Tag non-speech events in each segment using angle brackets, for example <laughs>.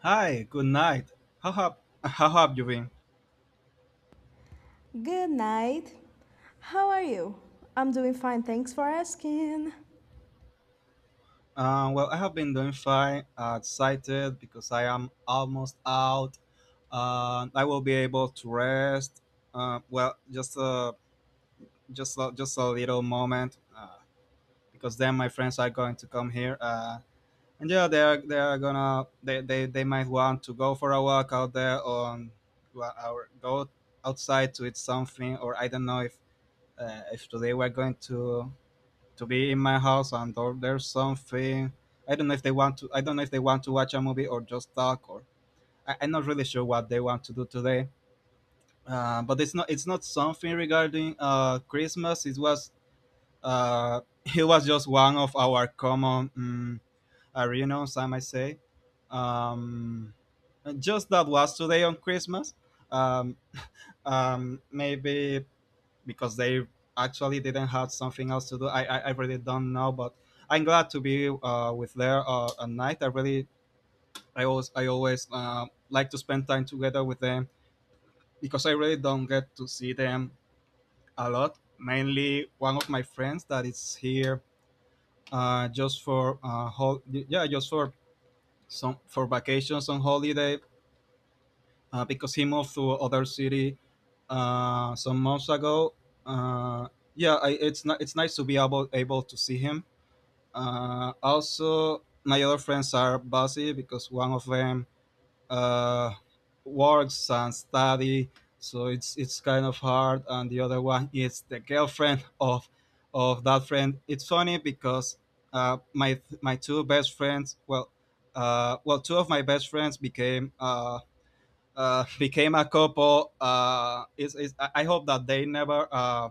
Hi, good night. How have how have you been? Good night. How are you? I'm doing fine, thanks for asking. Well, I have been doing fine. Excited because I am almost out. I will be able to rest. Just a little moment, because then my friends are going to come here. And yeah, they are gonna, they might want to go for a walk out there on, well, or go outside to eat something, or I don't know if, if today we're going to be in my house, and or there's something. I don't know if they want to watch a movie or just talk, or I'm not really sure what they want to do today. But it's not something regarding, Christmas it was, uh, <laughs> it was just one of our common arenas I might say. um, just that was today on Christmas. um, Maybe because they actually didn't have something else to do. I really don't know. But I'm glad to be, with there, at night. I really... I always, like to spend time together with them because I really don't get to see them a lot. Mainly one of my friends that is here, yeah, just for some, for vacations on holiday, because he moved to other city, some months ago. Uh, yeah, it's not, it's nice to be able to see him. Also, my other friends are busy because one of them, uh, works and study, so it's kind of hard. And the other one is the girlfriend of that friend. It's funny because, my two best friends, well, two of my best friends became, became a couple. Is I hope that they never,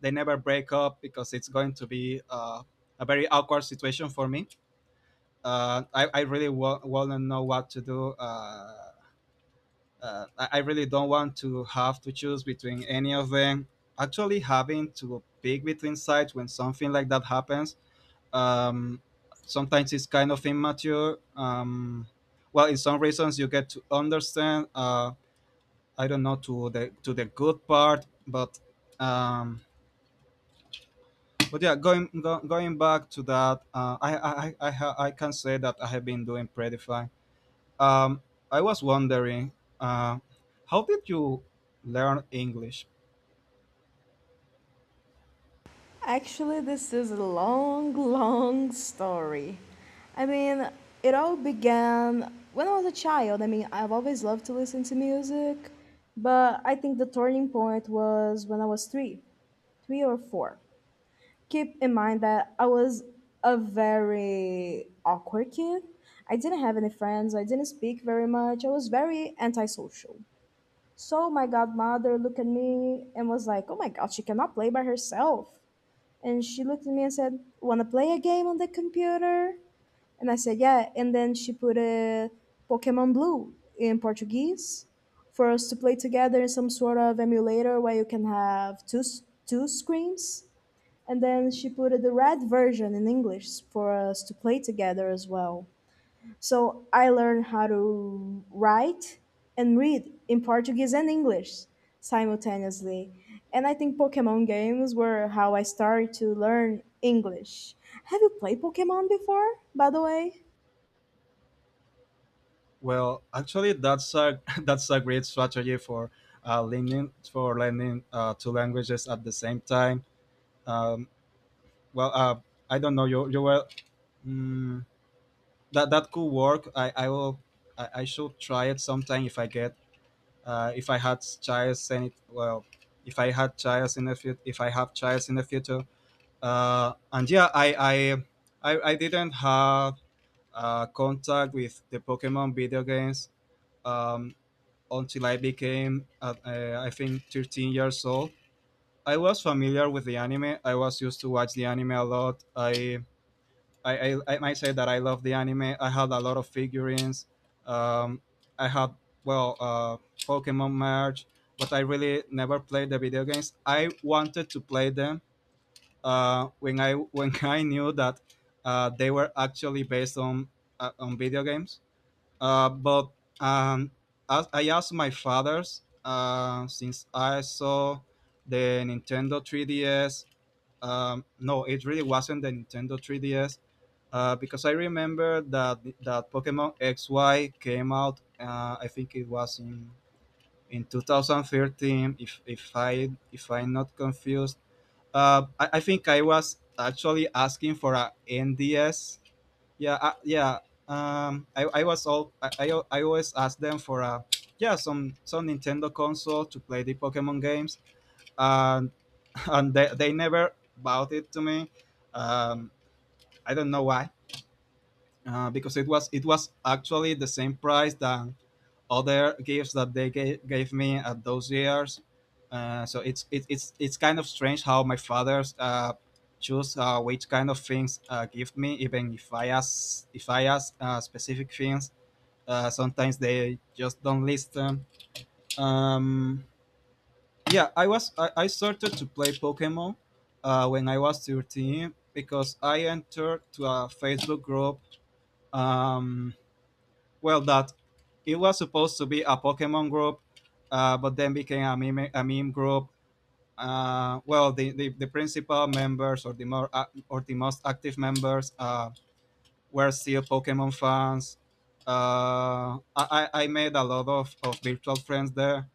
they never break up because it's going to be, a very awkward situation for me. Want to know what to do. I really don't want to have to choose between any of them. Actually, having to pick between sides when something like that happens, um, sometimes it's kind of immature. Well, in some reasons, you get to understand. I don't know to the, to the good part, but, um, but yeah, going back to that, I can say that I have been doing pretty fine. Um, I was wondering, uh, how did you learn English? Actually, this is a long, long story. I mean, it all began when I was a child. I mean, I've always loved to listen to music, but I think the turning point was when I was three or four. Keep in mind that I was a very awkward kid. I didn't have any friends. I didn't speak very much. I was very antisocial. So my godmother looked at me and was like, "Oh my God, she cannot play by herself." And she looked at me and said, "Wanna play a game on the computer?" And I said, "Yeah." And then she put a Pokemon Blue in Portuguese for us to play together in some sort of emulator where you can have two screens. And then she put the red version in English for us to play together as well. So I learned how to write and read in Portuguese and English simultaneously. And I think Pokemon games were how I started to learn English. Have you played Pokemon before, by the way? Well, actually, that's a <laughs> that's a great strategy for, learning, two languages at the same time. Um, well, uh, I don't know. You were. Mm, that could work. I should try it sometime if I get, if I had child in it well if I had child in the future, if I have child in the future. And yeah, I didn't have, contact with the Pokemon video games, um, until I became, I think 13 years old. I was familiar with the anime. I was used to watch the anime a lot. I might say that I love the anime. I had a lot of figurines. Um, I had, well, Pokemon merch, but I really never played the video games. I wanted to play them, when I <laughs> when I knew that, they were actually based on, on video games. But um, as I asked my father's, since I saw the Nintendo 3DS, no, it really wasn't the Nintendo 3DS, because I remember that that Pokemon XY came out. I think it was in 2013. If I'm not confused, I think I was actually asking for a NDS. Yeah, yeah. I was all I always ask them for a, yeah, some Nintendo console to play the Pokemon games. And they never bought it to me. Um, I don't know why, because it was actually the same price than other gifts that they gave me at those years. So it's it, it's kind of strange how my father's, choose, which kind of things, give me, even if I ask, specific things. Sometimes they just don't listen. Um, I started to play Pokemon, when I was 13 because I entered to a Facebook group, um, well that it was supposed to be a Pokemon group, but then became a meme group. Well the Principal members, or the or the most active members, were still Pokemon fans. I made a lot of virtual friends there.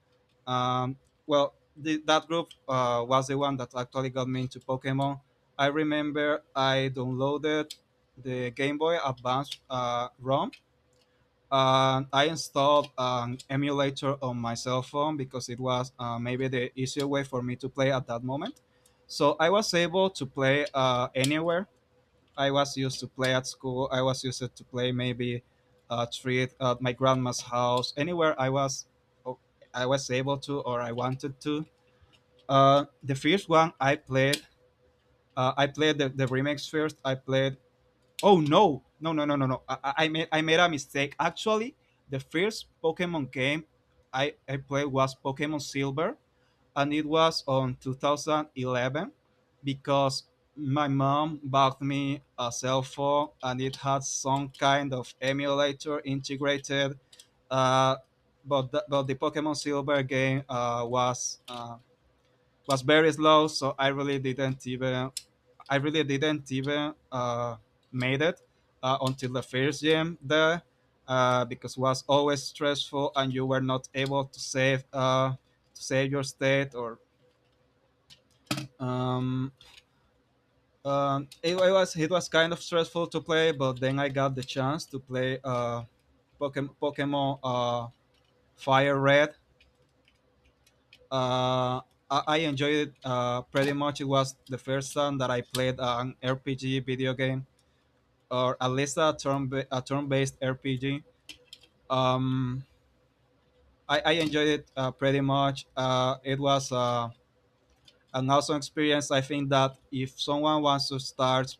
Um, that group, was the one that actually got me into Pokemon. I remember I downloaded the Game Boy Advance, ROM, and I installed an emulator on my cell phone because it was, maybe the easier way for me to play at that moment. So I was able to play, anywhere. I was used to play at school. I was used to play maybe a treat at my grandma's house. Anywhere I was, oh, I was able to, or I wanted to. The first one I played the remix first. I played. Oh no, no, no, no, no, no! I made a mistake. Actually, the first Pokemon game I played was Pokemon Silver, and it was on 2011 because my mom bought me a cell phone and it had some kind of emulator integrated. Uh, but the Pokemon Silver game, was very slow, so I really didn't even, made it, until the first gym there. Because it was always stressful and you were not able to save, to save your state, or, um, it was kind of stressful to play, but then I got the chance to play, Pokemon, Fire Red. Uh, I enjoyed it, pretty much. It was the first time that I played an RPG video game, or at least a turn based RPG. Um, I enjoyed it, pretty much. It was, an awesome experience. I think that if someone wants to start,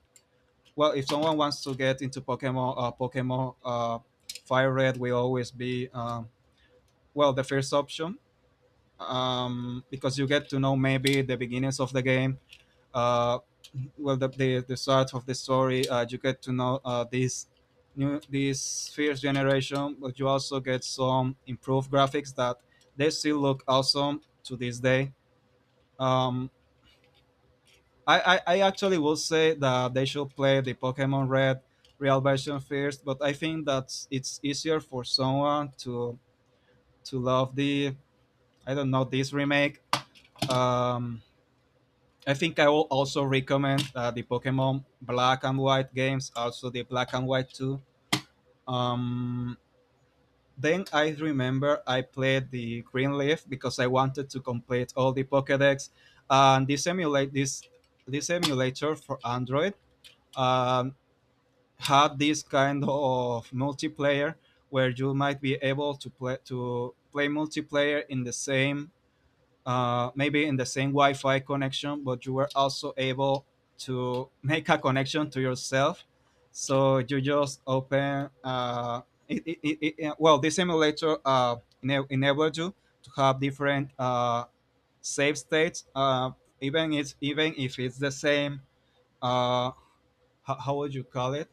well, if someone wants to get into Pokemon, Fire Red will always be, the first option, because you get to know maybe the beginnings of the game. Uh, the start of the story. You get to know, this new this first generation, but you also get some improved graphics that they still look awesome to this day. Um, I actually will say that they should play the Pokemon Red real version first, but I think that it's easier for someone to love the, I don't know, this remake. Um, I think I will also recommend, the Pokemon Black and White games, also the Black and White Two. Um, then I remember I played the Green Leaf because I wanted to complete all the Pokédex, and this, this emulator for Android, Um, had this kind of multiplayer where you might be able to play multiplayer in the same, maybe in the same Wi-Fi connection, but you were also able to make a connection to yourself. So you just open, this simulator, enabled you to have different, save states, even if it's the same, uh, how would you call it?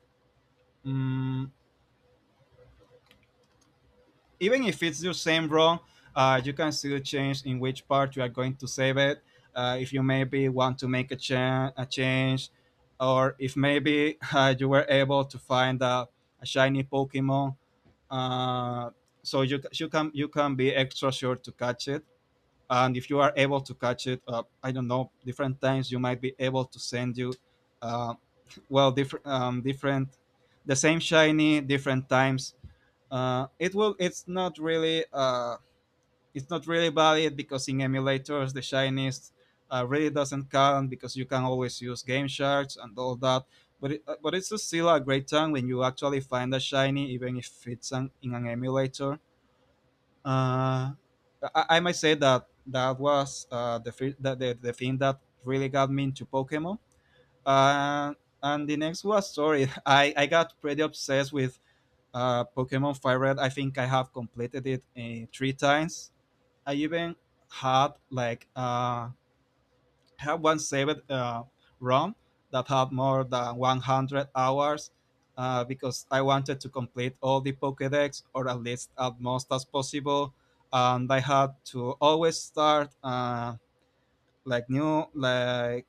Mm, even if it's your same ROM, you can still change in which part you are going to save it. If you maybe want to make a, a change, or if maybe <laughs> you were able to find a shiny Pokemon, uh, so you can be extra sure to catch it. And if you are able to catch it, I don't know, different times you might be able to send you, uh, <laughs> well, different, the same shiny different times, it will. It's not really. It's not really valid because in emulators the shiniest, really doesn't count because you can always use game shards and all that. But but it's still a great time when you actually find a shiny, even if it's an, in an emulator. Uh, I might say that that was the, fir- the thing that really got me into Pokemon. Uh, and the next was sorry, <laughs> I got pretty obsessed with Pokemon Fire Red. I think I have completed it three times. I even had like have one saved ROM that had more than 100 hours because I wanted to complete all the Pokédex, or at least at most as possible, and I had to always start like new like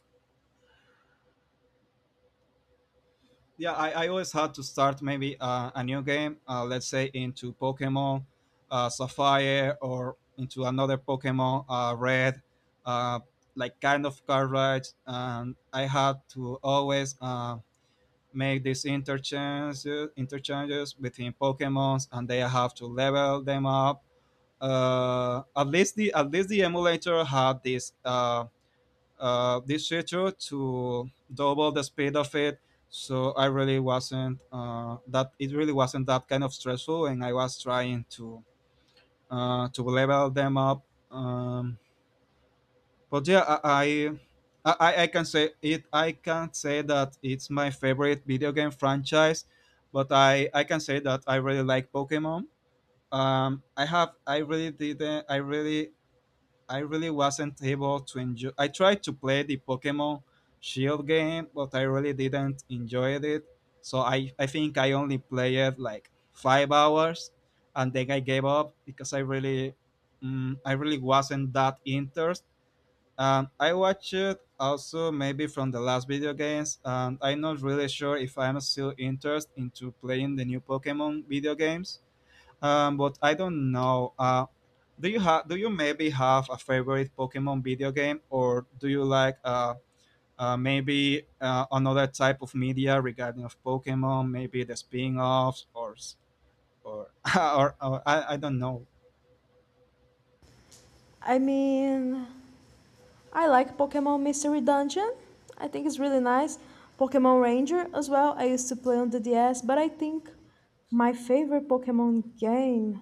yeah, I always had to start maybe a new game, let's say into pokemon sapphire, or into another pokemon red, uh, like kind of car rides. And I had to always make these interchanges between pokemons and they have to level them up. At least the emulator had this this feature to double the speed of it. So I really wasn't that it really wasn't that kind of stressful, and I was trying to level them up. Um, but yeah, I can say it. I can't say that it's my favorite video game franchise, but I can say that I really like Pokemon. I have I really didn't I really wasn't able to enjoy. I tried to play the Pokemon Shield game, but I really didn't enjoy it. So I think I only played like 5 hours, and then I gave up because I really, I really wasn't that interested. I watched it also maybe from the last video games, and I'm not really sure if I'm still interested into playing the new Pokemon video games. But I don't know. Do you have? Do you maybe have a favorite Pokemon video game, or do you like maybe another type of media regarding of Pokemon? Maybe the spin-offs, or or <laughs> or, or I don't know. I mean, I like Pokemon Mystery Dungeon. I think it's really nice. Pokemon Ranger as well. I used to play on the DS, but I think my favorite Pokemon game,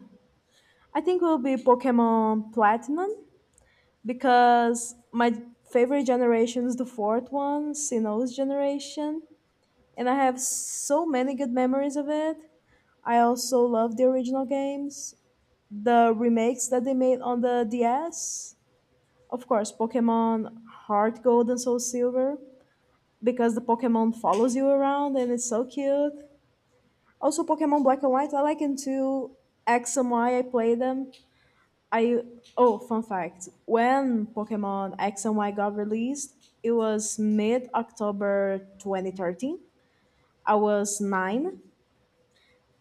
I think, will be Pokemon Platinum because my favorite generation is the fourth one, Sinnoh's generation, and I have so many good memories of it. I also love the original games, the remakes that they made on the DS, of course, Pokemon Heart Gold and Soul Silver, because the Pokemon follows you around and it's so cute. Also, Pokemon Black and White, I like them too. X and Y, I play them. I Oh, fun fact, when Pokemon X and Y got released, it was mid October 2013. I was nine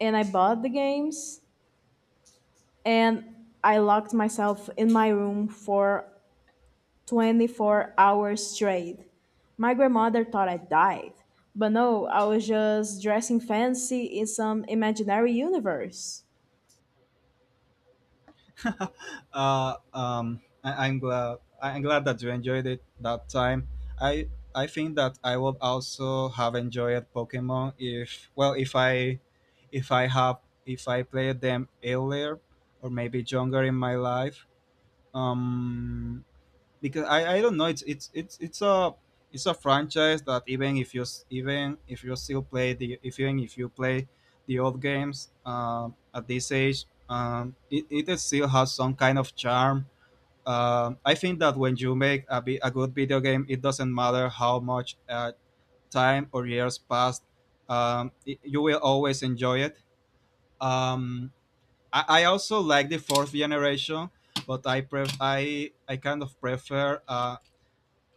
and I bought the games and I locked myself in my room for 24 hours straight. My grandmother thought I died, but no, I was just dressing fancy in some imaginary universe. <laughs> I'm glad. I'm glad that you enjoyed it that time. I I think that I would also have enjoyed Pokemon if well if I played them earlier or maybe younger in my life. Um, because I don't know, it's a franchise that even if you still play the if even if you play the old games at this age. It still has some kind of charm. I think that when you make a good video game, it doesn't matter how much time or years passed. You will always enjoy it. Um, I, I also like the fourth generation, but I kind of prefer uh,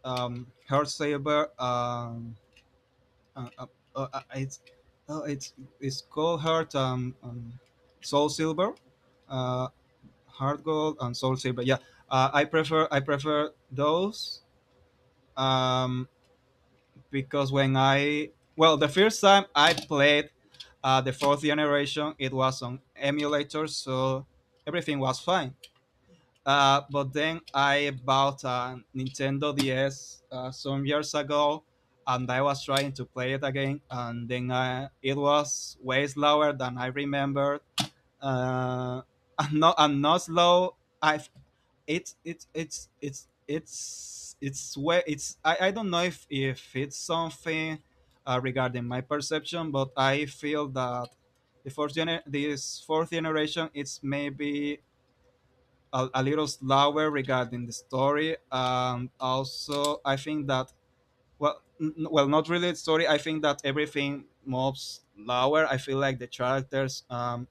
um, Heartsaber. Uh, uh, uh, uh, it's uh, it's it's called Heart Soul Silver, uh, Heart Gold, and Soul Silver. Yeah, I prefer those. um, because when I well the first time I played the fourth generation, it was on emulator, so everything was fine. But then I bought a Nintendo DS some years ago, and I was trying to play it again, and then I it was way slower than I remembered. Uh, and not slow. I it's way it's I don't know if it's something regarding my perception, but I feel that the fourth generation it's maybe a little slower regarding the story. Also, I think that well, not really the story. I think that everything moves slower. I feel like the characters. Um,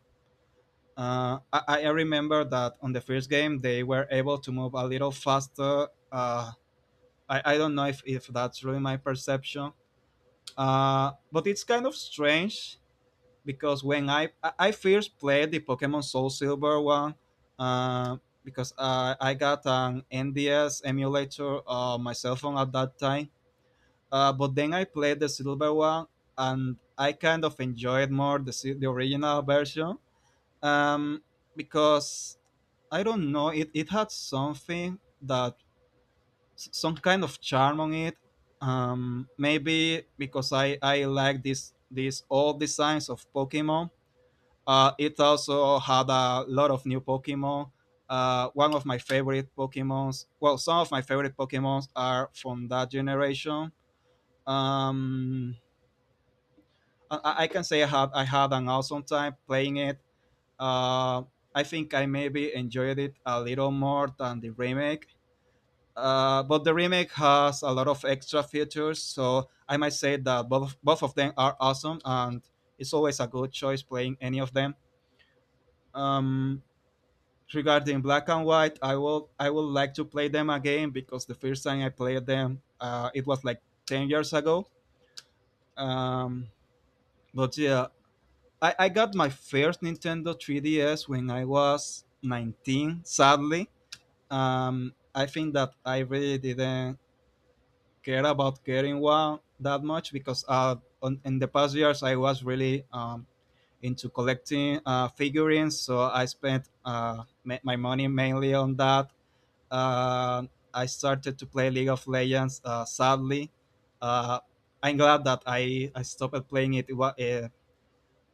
uh, I, I remember that on the first game they were able to move a little faster. I don't know if that's really my perception. But it's kind of strange because when I first played the Pokemon Soul Silver one, uh, because I got an NDS emulator on my cell phone at that time. But then I played the silver one, and I kind of enjoyed more the original version. Um, because I don't know, it had something that some kind of charm on it. Maybe because I like this these old designs of Pokemon. It also had a lot of new Pokemon. One of my favorite Pokemons, well, some of my favorite Pokemons are from that generation. Um, I can say I had an awesome time playing it. Uh, I think I maybe enjoyed it a little more than the remake. But the remake has a lot of extra features, so I might say that both of them are awesome, and it's always a good choice playing any of them. Um, Regarding black and white, I would like to play them again because the first time I played them it was like 10 years ago. um, but yeah, I got my first nintendo 3DS when I was 19, sadly. I think that I really didn't care about getting one that much because in the past years I was really into collecting figurines, so I spent my money mainly on that. Uh, I started to play League of Legends. Sadly, uh, I'm glad that I stopped playing it. It wa- eh,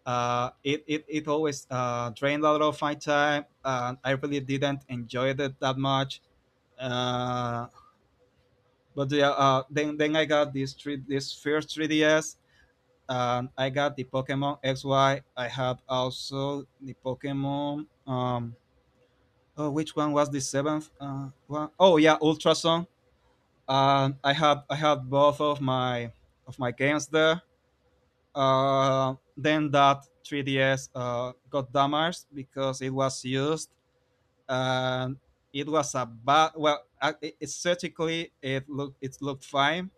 uh, it, it, It always drained a lot of my time, and I really didn't enjoy it that much. Uh, but yeah, then I got this first 3DS. And I got the Pokemon XY. I had also the Pokemon. Oh, which one was the seventh one? Oh yeah, Ultra Sun. I have both of my games there. Then that 3DS got damaged because it was used and it was a bad. It- aesthetically it looked fine.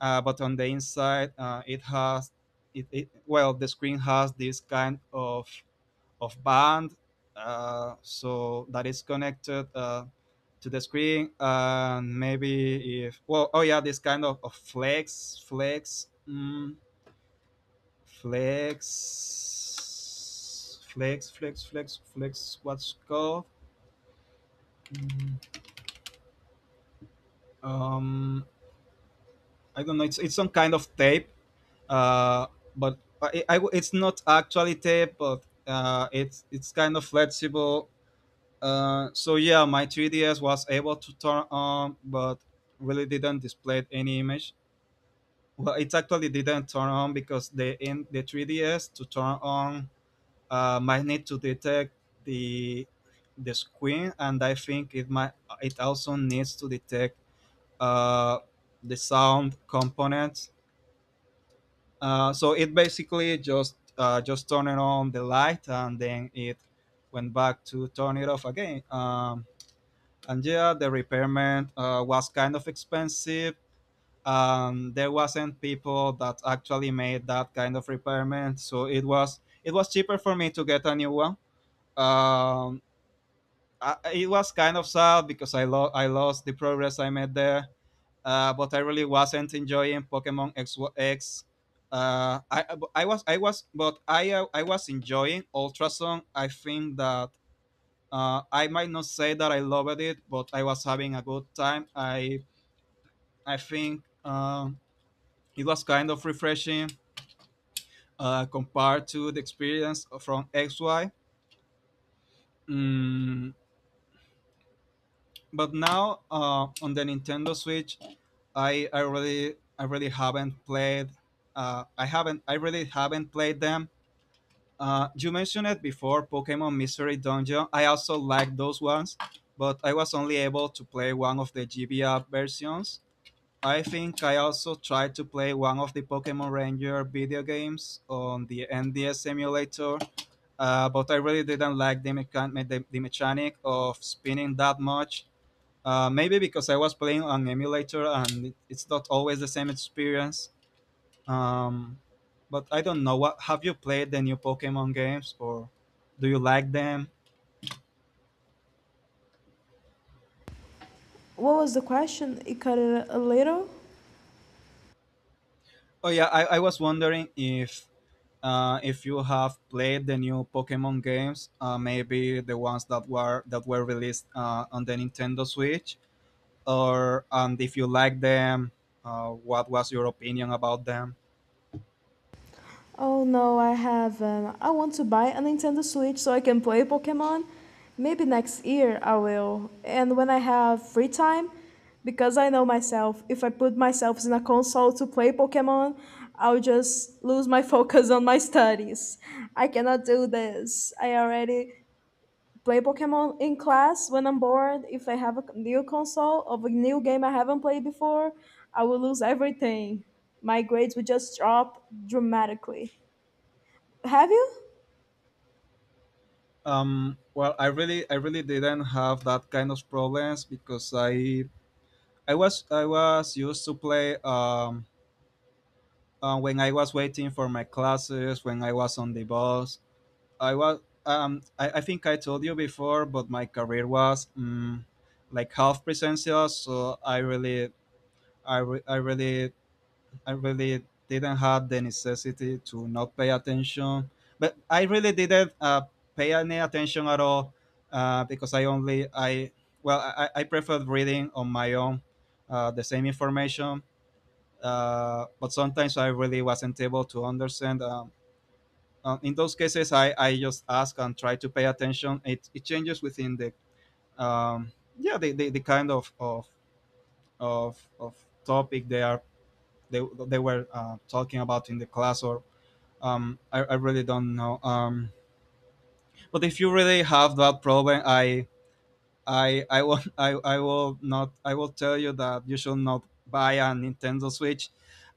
But on the inside it has it, it well, the screen has this kind of band so that is connected to the screen. And maybe if well oh yeah this kind of flex flex mm, flex flex flex flex flex what's called. Mm, um I don't know, it's some kind of tape. uh it's not actually tape, but it's kind of flexible. So yeah, my 3DS was able to turn on, but really didn't display any image. Well, it actually didn't turn on because the 3DS to turn on might need to detect the the screen, and I think it might it also needs to detect uh, the sound components. So it basically just turning on the light, and then it went back to turn it off again. And yeah, the repairment was kind of expensive. There wasn't people that actually made that kind of repairment, so it was cheaper for me to get a new one. Um, it was kind of sad because I lost the progress I made there, but I really wasn't enjoying Pokemon X. X. I was but I was enjoying Ultrason. I think that I might not say that I loved it, but I was having a good time. I think it was kind of refreshing compared to the experience from XY. Mm, but now on the Nintendo Switch, I really haven't played. I really haven't played them. You mentioned it before, Pokemon Mystery Dungeon. I also like those ones, but I was only able to play one of the GBA versions. I think I also tried to play one of the Pokemon Ranger video games on the NDS emulator, but I really didn't like the mechanic of spinning that much. Maybe because I was playing on emulator, and it's not always the same experience. Um, but I don't know. What have you played the new Pokemon games, or do you like them? What was the question? It cut it a little. Oh yeah, I was wondering if you have played the new Pokemon games, maybe the ones that were released on the Nintendo Switch, or and if you like them, what was your opinion about them? Oh no, I have. I want to buy a Nintendo Switch so I can play Pokemon. Maybe next year I will. And when I have free time, because I know myself, if I put myself in a console to play Pokemon, I'll just lose my <laughs> focus on my studies. I cannot do this. I already play Pokemon in class when I'm bored. If I have a new console of a new game I haven't played before, I will lose everything. My grades would just drop dramatically. Have you? Well, I really didn't have that kind of problems because I was used to play when I was waiting for my classes, when I was on the bus, I was I think I told you before, but my career was like half presential, so I really didn't have the necessity to not pay attention. But I really didn't pay any attention at all because I only I well I preferred reading on my own the same information. But sometimes I really wasn't able to understand in those cases, I just ask and try to pay attention. It changes within the um, yeah, the kind of topic they, they were talking about in the class or I really don't know. But if you really have that problem, I will <laughs> I will not I will tell you that you should not buy a Nintendo Switch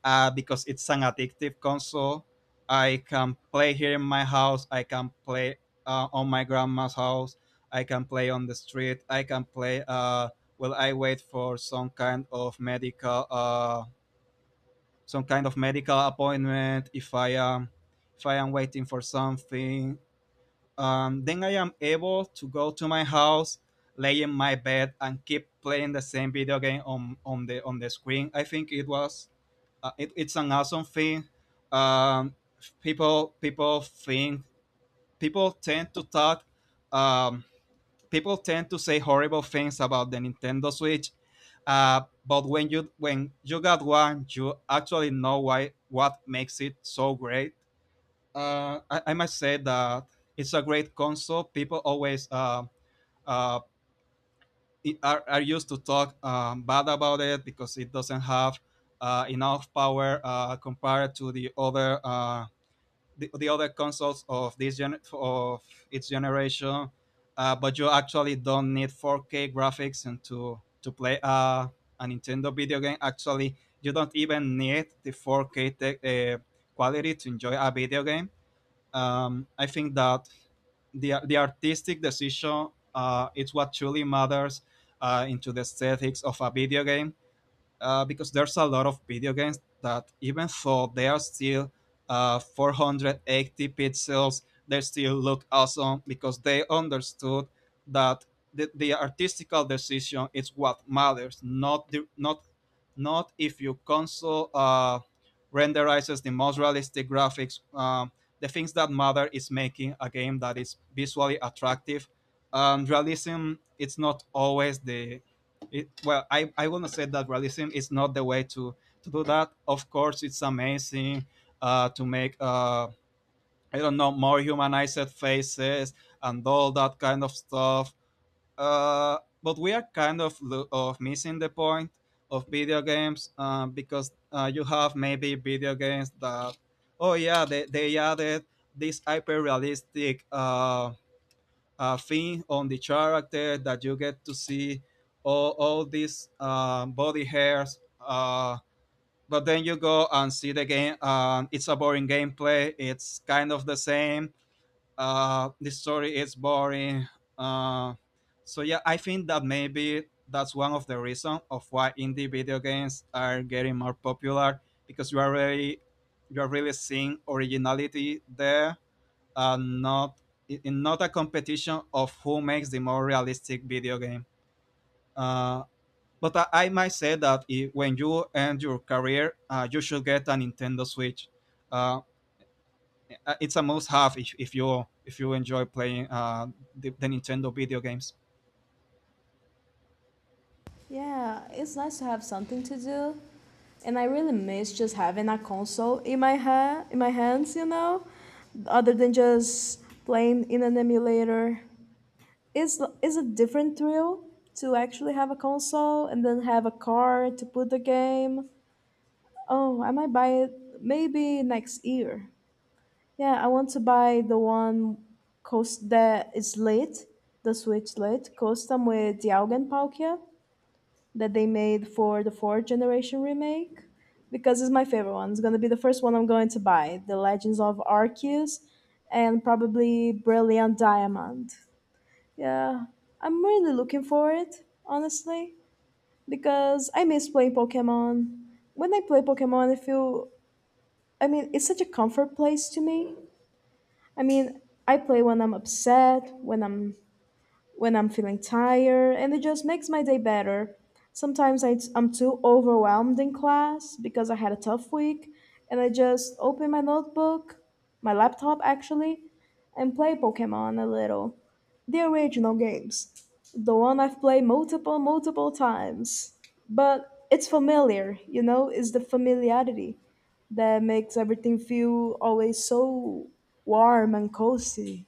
because it's an addictive console. I can play here in my house. I can play on my grandma's house. I can play on the street. I can play while I wait for some kind of medical some kind of medical appointment. If I am waiting for something, then I am able to go to my house, lay in my bed, and keep playing the same video game on the screen. I think it was it's an awesome thing. Um, people people think People tend to talk. Um, People tend to say horrible things about the Nintendo Switch, but when you got one, you actually know why what makes it so great. I must say that it's a great console. People always uh, are used to talk bad about it because it doesn't have enough power compared to the other the other consoles of its generation. But you actually don't need 4K graphics and to play a Nintendo video game. Actually, you don't even need the 4K tech quality to enjoy a video game. I think that the artistic decision is what truly matters, into the aesthetics of a video game, because there's a lot of video games that even though they are still 480 pixels, they still look awesome because they understood that the artistical decision is what matters, not the, not not if your console renderizes the most realistic graphics. The things that matter is making a game that is visually attractive. Realism it's not always the it, well, I want to say that realism is not the way to do that. Of course, it's amazing to make, I don't know, more humanized faces and all that kind of stuff. But we are kind of, missing the point of video games, because you have maybe video games that, oh yeah, they added this hyper realistic thing on the character that you get to see all these body hairs. But then you go and see the game. It's a boring gameplay. It's kind of the same. The story is boring. Uh, so yeah, I think that maybe that's one of the reasons of why indie video games are getting more popular, because you are really seeing originality there, uh, not not a competition of who makes the more realistic video game. Uh, but I might say that if, when you end your career, you should get a Nintendo Switch. Uh, it's a must-have if you enjoy playing Nintendo video games. Yeah, it's nice to have something to do. And I really miss just having a console in my hands, you know, other than just playing in an emulator. It's a different thrill to actually have a console and then have a card to put the game. Oh, I might buy it maybe next year. Yeah, I want to buy the one cost that is lit, the Switch lit, custom with the Augenpaukia that they made for the fourth generation remake, because it's my favorite one. It's gonna be the first one I'm going to buy, The Legends of Arceus, and probably Brilliant Diamond. Yeah, I'm really looking for it, honestly, because I miss playing Pokemon. When I play Pokemon, I feel, I mean, it's such a comfort place to me. I mean, I play when I'm upset, when I'm feeling tired, and it just makes my day better. Sometimes I am too overwhelmed in class because I had a tough week, and I just open my notebook, my laptop actually, and play Pokemon a little. The original games. The one I've played multiple, multiple times. But it's familiar, you know, it's the familiarity that makes everything feel always so warm and cozy,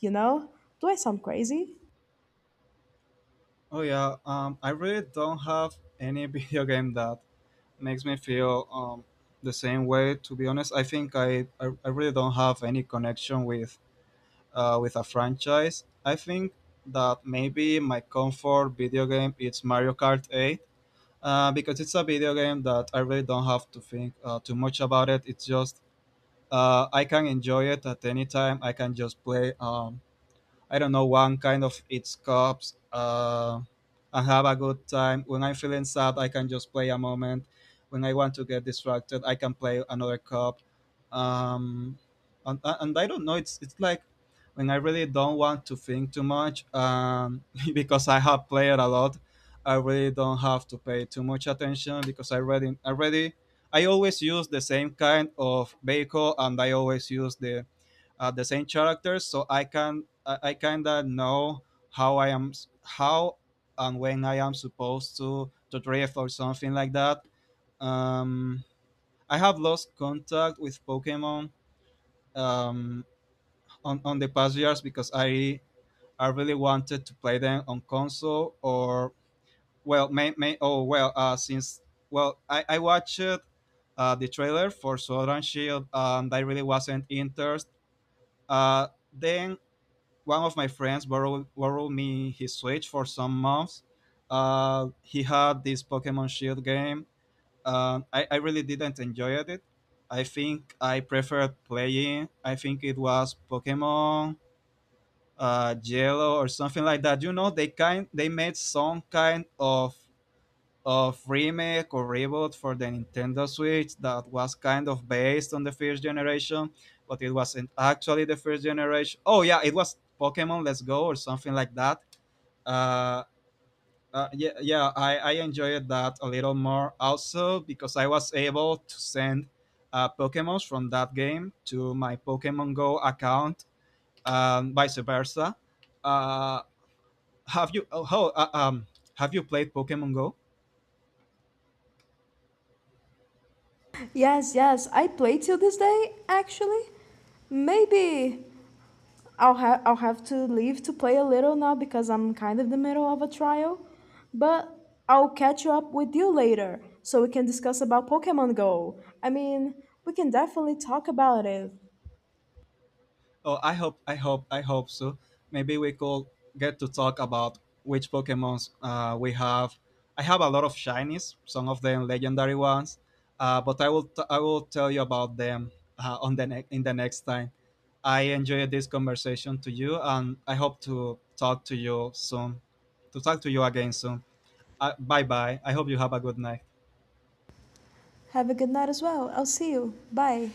you know? Do I sound crazy? Oh yeah, I really don't have any <laughs> video game that makes me feel the same way. To be honest, I think I really don't have any connection with a franchise. I think that maybe my comfort video game is Mario Kart 8, because it's a video game that I really don't have to think too much about it. It's just I can enjoy it at any time. I can just play. I don't know, one kind of its cups and have a good time. When I'm feeling sad, I can just play a moment. When I want to get distracted, I can play another cup. Um, and I don't know, it's like when I really don't want to think too much, <laughs> because I have played a lot, I really don't have to pay too much attention because I always use the same kind of vehicle and I always use the same characters, so I kind of know how I am how and when I am supposed to drift or something like that. Um, I have lost contact with Pokemon um, on the past years because I really wanted to play them on console or well may oh well since well I watched the trailer for Sword and Shield and I really wasn't interested. Then one of my friends borrowed me his Switch for some months. He had this Pokemon Shield game. I really didn't enjoy it. I think I preferred playing. I think it was Pokemon Yellow or something like that. You know, they made some kind of remake or reboot for the Nintendo Switch that was kind of based on the first generation, but it wasn't actually the first generation. Oh yeah, it was Pokemon Let's Go or something like that. Uh, yeah, I enjoyed that a little more also because I was able to send Pokemons from that game to my Pokemon Go account, and vice versa. Uh, have you oh, oh, uh, um have you played Pokemon Go? Yes, yes, I play till this day, actually. Maybe I'll have to leave to play a little now because I'm kind of in the middle of a trial, but I'll catch up with you later so we can discuss about Pokemon Go. I mean, we can definitely talk about it. Oh, I hope so. Maybe we could get to talk about which Pokemons we have. I have a lot of shinies, some of them legendary ones, but I will tell you about them in the next time. I enjoyed this conversation to you, and I hope to talk to you soon, to talk to you again soon. Bye bye. I hope you have a good night. Have a good night as well. I'll see you. Bye.